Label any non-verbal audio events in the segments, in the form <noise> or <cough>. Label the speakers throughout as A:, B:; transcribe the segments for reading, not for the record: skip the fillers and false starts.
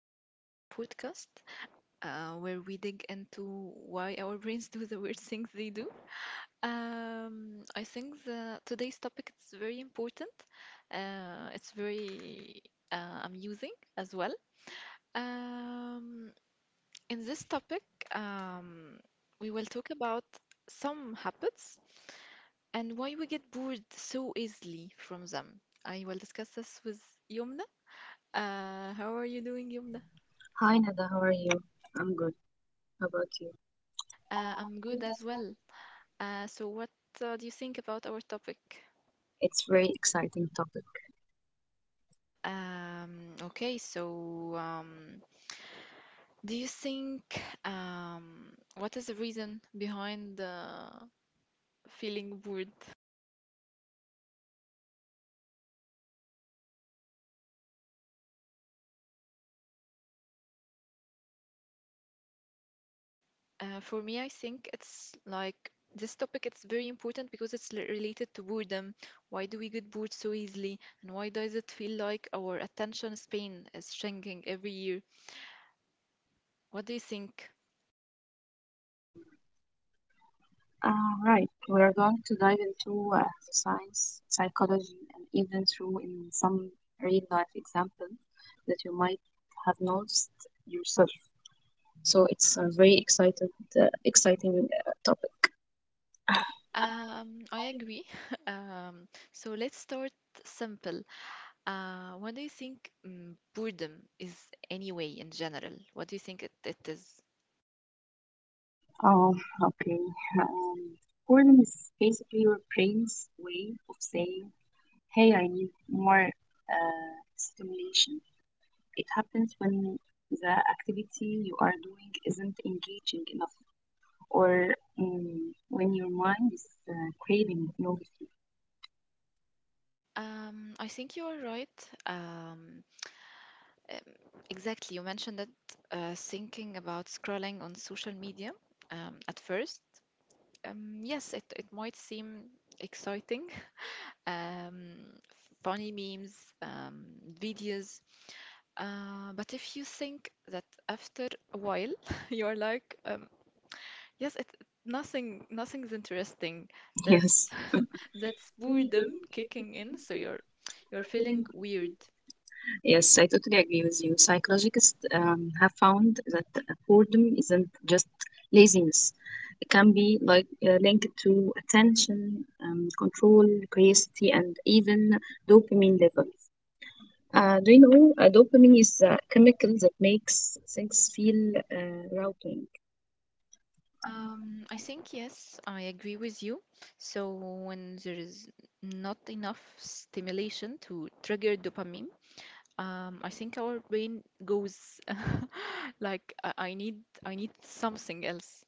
A: to our podcast where we dig into why our brains do the weird things they do. I think today's topic is very important. It's very amusing as well. Um, in this topic, um, we will talk about some habits and why we get bored so easily from them. I will discuss this with Yumna. How are you doing, Yumna?
B: Hi Nada, how are you? I'm good. How about you?
A: I'm good as well. So, what do you think about our topic?
B: It's very exciting topic.
A: Okay, so, do you think what is the reason behind feeling bored? For me, I think it's like this topic. It's very important because related to boredom. Why do we get bored so easily, and why does it feel like our attention span is shrinking every year? What do you think?
B: Right, we are going to dive into the science, psychology, and even through in some real life example that you might have noticed yourself. So it's a very exciting topic.
A: I agree. <laughs> So let's start simple. What do you think boredom is anyway in general? What do you think it is?
B: Oh, okay. Um, Boredom is basically your brain's way of saying, "Hey, I need more stimulation." It happens when the activity you are doing isn't engaging enough or mm, when your mind is craving novelty.
A: I think you are right. Um, exactly. You mentioned that thinking about scrolling on social media at first. Yes, it might seem exciting. <laughs> Um, Funny memes, videos. But if you think that after a while <laughs> you're like, yes, it nothing nothing's interesting.
B: <laughs>
A: That's
B: Yes.
A: <laughs> that's
B: Really
A: boredom
B: good
A: kicking in, so you're feeling
B: feeling.
A: weird.
B: Yes, I totally agree with you. Psychologists have found that boredom isn't just laziness. It can be like linked to attention, control, curiosity, and even dopamine levels. Do you know dopamine is a chemical that makes things feel rewarding.
A: I think yes, I agree with you. So when there is not enough stimulation to trigger dopamine, I think our brain goes <laughs> like I need something else.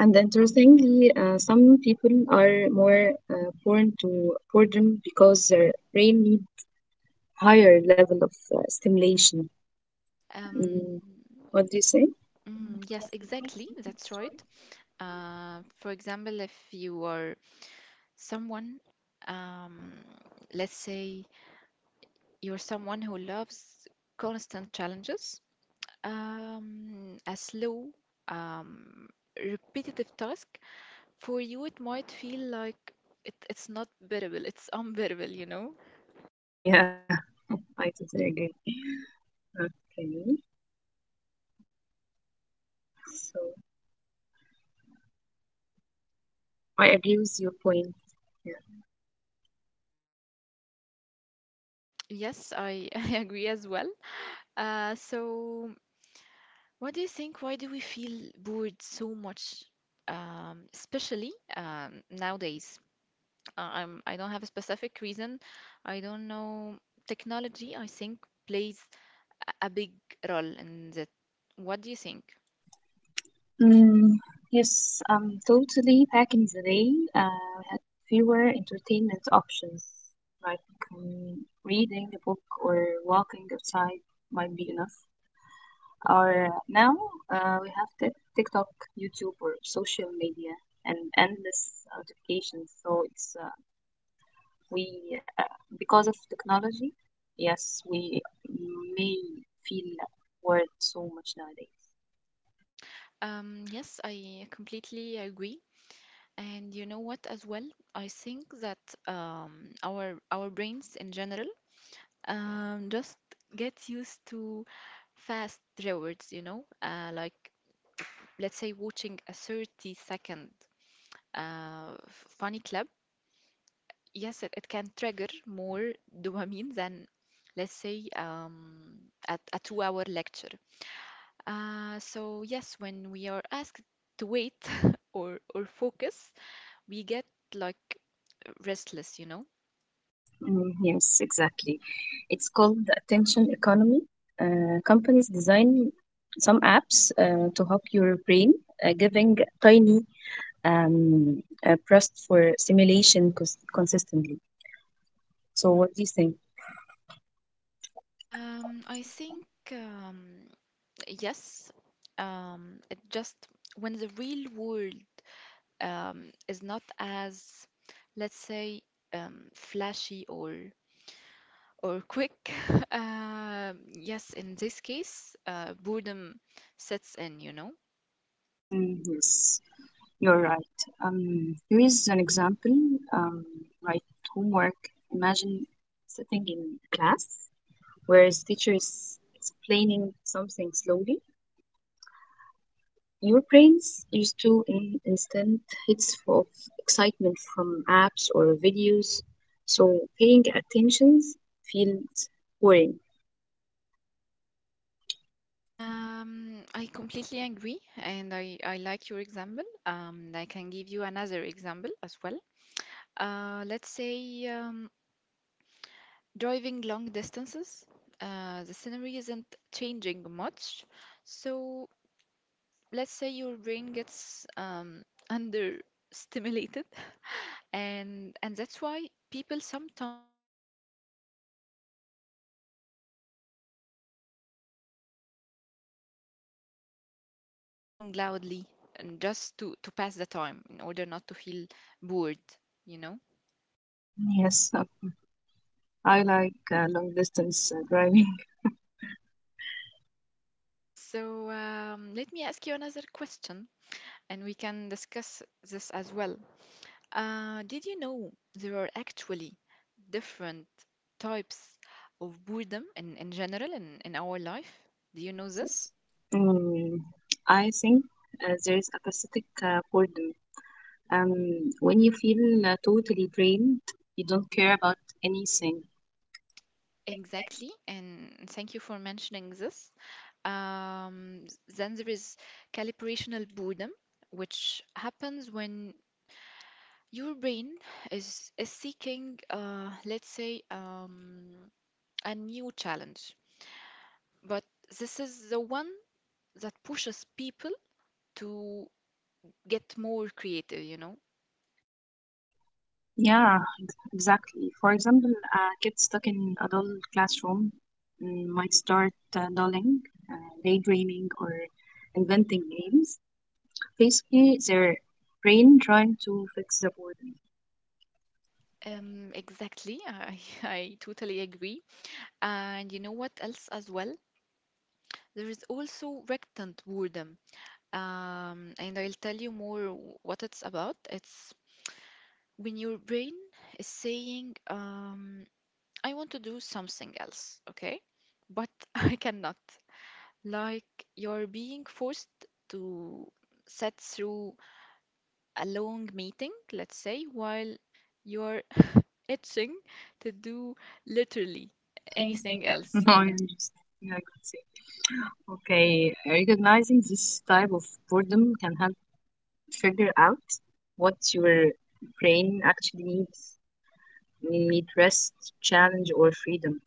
B: And interestingly, some people are more prone to boredom because their brain need higher level of stimulation.
A: Um,
B: Mm, what do you say?
A: Yes, exactly. That's right. For example, if you are someone, um, let's say you're someone who loves constant challenges, a slow, um, repetitive task, for you it might feel like it's not bearable, it's unbearable, you know?
B: Yeah, I totally agree. Okay, so I agree with your point.
A: Yes, I, <laughs> I agree as well. So what do you think? Why do we feel bored so much, especially nowadays? I don't have a specific reason. I don't know. Technology, I think, plays a big role in that. What do you think?
B: Mm, yes, totally. Back in the day, we had fewer entertainment options, like reading a book or walking outside might be enough. Or now we have TikTok, YouTube, or social media, and endless notifications. So it's we because of technology, yes, we may feel bored so much nowadays.
A: Yes, I completely agree. And you know what, as well, I think that our brains in general just get used to fast rewards, you know, like let's say watching a 30 second funny clip, yes, it can trigger more <laughs> dopamine than, let's say, at a 2 hour lecture. So, yes, when we are asked to wait <laughs> or focus, we get like restless, you know?
B: Mm, yes, exactly. It's called the attention economy. Companies design some apps to help your brain, giving tiny pressed for simulation consistently. So, what do you think?
A: I think, um, yes, it just when the real world is not as, let's say, flashy or quick. <laughs> Yes, in this case, boredom sets in, you know.
B: Mm, yes, you're right. Here is an example. Um, right, homework. Imagine sitting in class where his teacher is explaining something slowly. Your brains used to in instant hits of excitement from apps or videos, so paying attention feels boring.
A: I completely agree, and I like your example. I can give you another example as well. Let's say driving long distances, the scenery isn't changing much, so let's say your brain gets understimulated, and that's why people sometimes start fiddling with their phone or um, let's say singing loudly and just to pass the time in order not to feel bored, you know.
B: Yes, I like long distance driving.
A: So let me ask you another question, and we can discuss this as well. Did you know there are actually different types of boredom in general in our life? Do you know this?
B: Yes. Mm, I think there is a pathetic boredom. When you feel totally drained, you don't care about anything.
A: Exactly, and thank you for mentioning this. Um, then there is calibrational boredom, which happens when your brain is seeking, let's say, a new challenge. But this is the one that pushes people to get more creative, you know?
B: Yeah, exactly. For example, a kid stuck in a dull classroom might start uh, daydreaming, or inventing names. Basically, their brain trying to fix the boredom.
A: Exactly. I, <laughs> I totally agree. And you know what else as well? There is also rectant boredom. And I'll tell you more what it's about. It's when your brain is saying, I want to do something else, okay? But <laughs> I cannot. Like you're being forced to sit through a long meeting, let's say, while you're itching to do literally
B: Anything
A: anything
B: else? <laughs>
A: else,
B: No, I
A: you know.
B: understand. Yeah, I could say. Okay, recognizing this type of boredom can help figure out what your brain actually needs. You need rest, challenge, or freedom.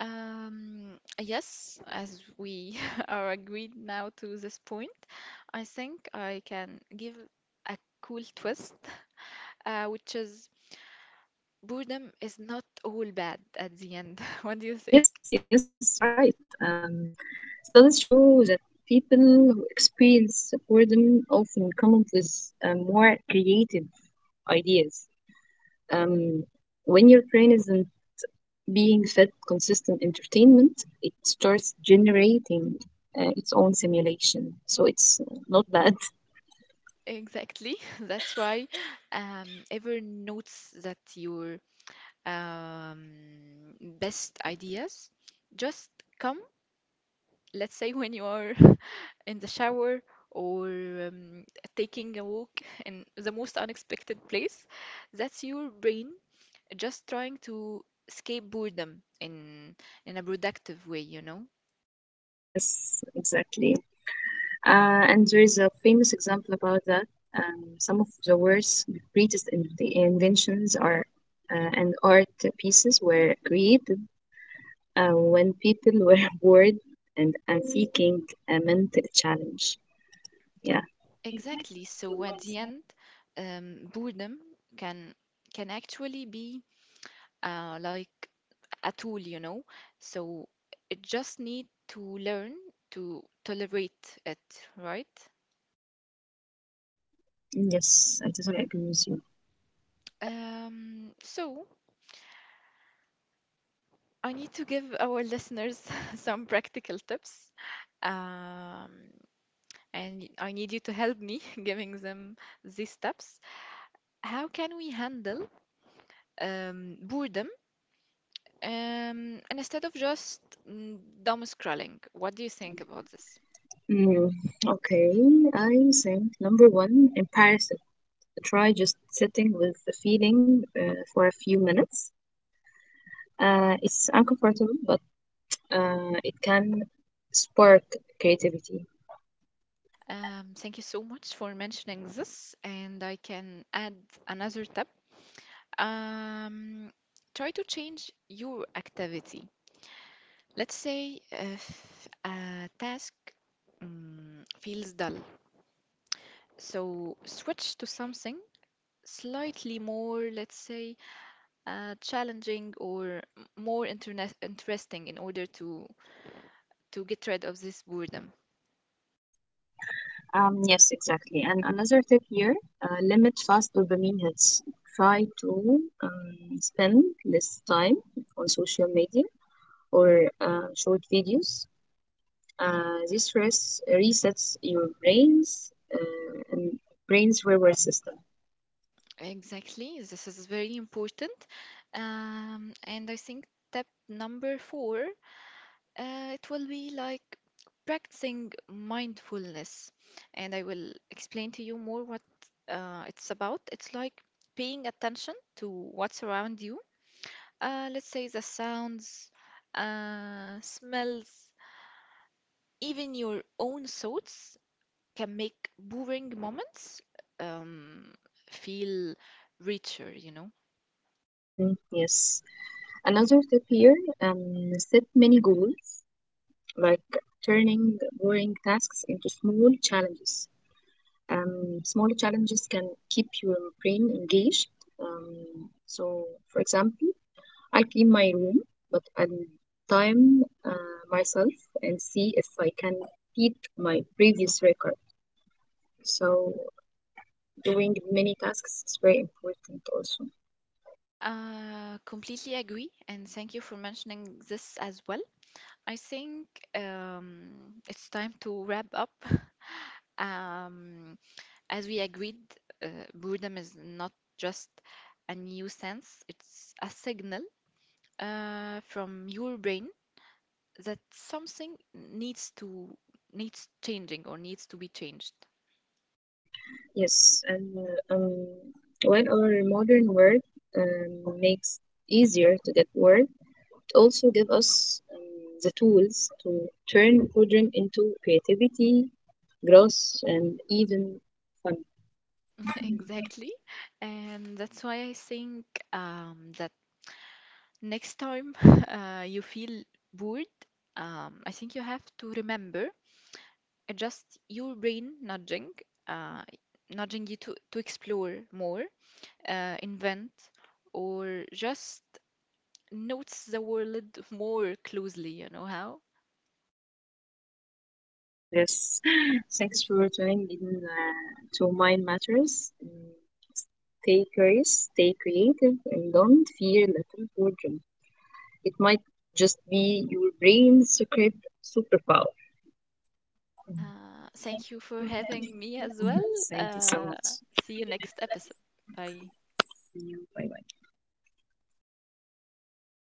A: Yes, as we <laughs> are agreed now to this point, I think I can give a cool twist, which is boredom is not all bad at the end. <laughs> What do you think?
B: Yes, yes, yes, you're right. Um, studies show that people who experience boredom often come up with more creative ideas. Um, when your brain isn't being fed consistent entertainment, it starts generating its own simulation. So it's not bad. <laughs>
A: Exactly. <laughs> That's why um, ever notes that your um, best ideas just come let's say when you are <laughs> in the shower or taking a walk in the most unexpected place, that's your brain just trying to escape boredom in a productive way, you know?
B: Yes, exactly. And there is a famous example about that. Some of the worst, greatest in the inventions are and art pieces were created when people were <laughs> bored and seeking a mental challenge. Yeah.
A: Exactly. So at the end, boredom can can actually be like a tool, you know? So it just need to learn to tolerate it, right?
B: Yes, I totally agree with you.
A: So I need to give our listeners <laughs> some practical tips. Um, and I need you to help me <laughs> giving them these tips. How can we handle boredom and instead of just mm, doom scrolling? What do you think about this?
B: Mm, okay, I think number one, embarrass it. Try just sitting with the feeling for a few minutes. It's uncomfortable, but it can spark creativity.
A: Thank you so much for mentioning this, and I can add another tip. Um, Try to change your activity. Let's say if a task feels dull. So switch to something slightly more, let's say, challenging or more internet interesting in order to get rid of this boredom.
B: Yes, exactly. And another tip here limit fast dopamine hits. Try to spend less time on social media or short videos. This resets your brain's reward system.
A: Exactly, this is very important. And I think step number four, it will be like practicing mindfulness. And I will explain to you more what it's about. It's like paying attention to what's around you. Let's say the sounds, smells, even your own thoughts can make boring moments um, feel richer, you know.
B: Mhm, yes. Another tip here set mini goals, like turning boring tasks into small challenges. Small challenges can keep your brain engaged. So, for example, I'll clean my room, but I'll time myself and see if I can beat my previous record. So, doing many tasks is very important also.
A: Completely agree, and thank you for mentioning this as well. I think um, it's time to wrap up. <laughs> Um, as we agreed, uh, boredom is not just a new sense, it's a signal from your brain that something needs changing or needs to be changed.
B: Yes, and uh, um, while our modern world makes easier to get work, it also gives us the tools to turn boredom into creativity, growth, and even fun.
A: <laughs> Exactly. And that's why I think that next time <laughs> you feel bored, I think you have to remember just your brain nudging, uh, nudging you to explore more, invent, or just notice the world <laughs> more closely, you know how?
B: Yes, <laughs> thanks for tuning in to Mind Matters. Mm, stay curious, stay creative, and don't fear little boredom. It might just be your brain's secret superpower.
A: Thank you for having me as
B: Mhm.
A: well.
B: Thank you so
A: Uh,
B: much.
A: See you next episode. Bye.
B: See you. Bye bye.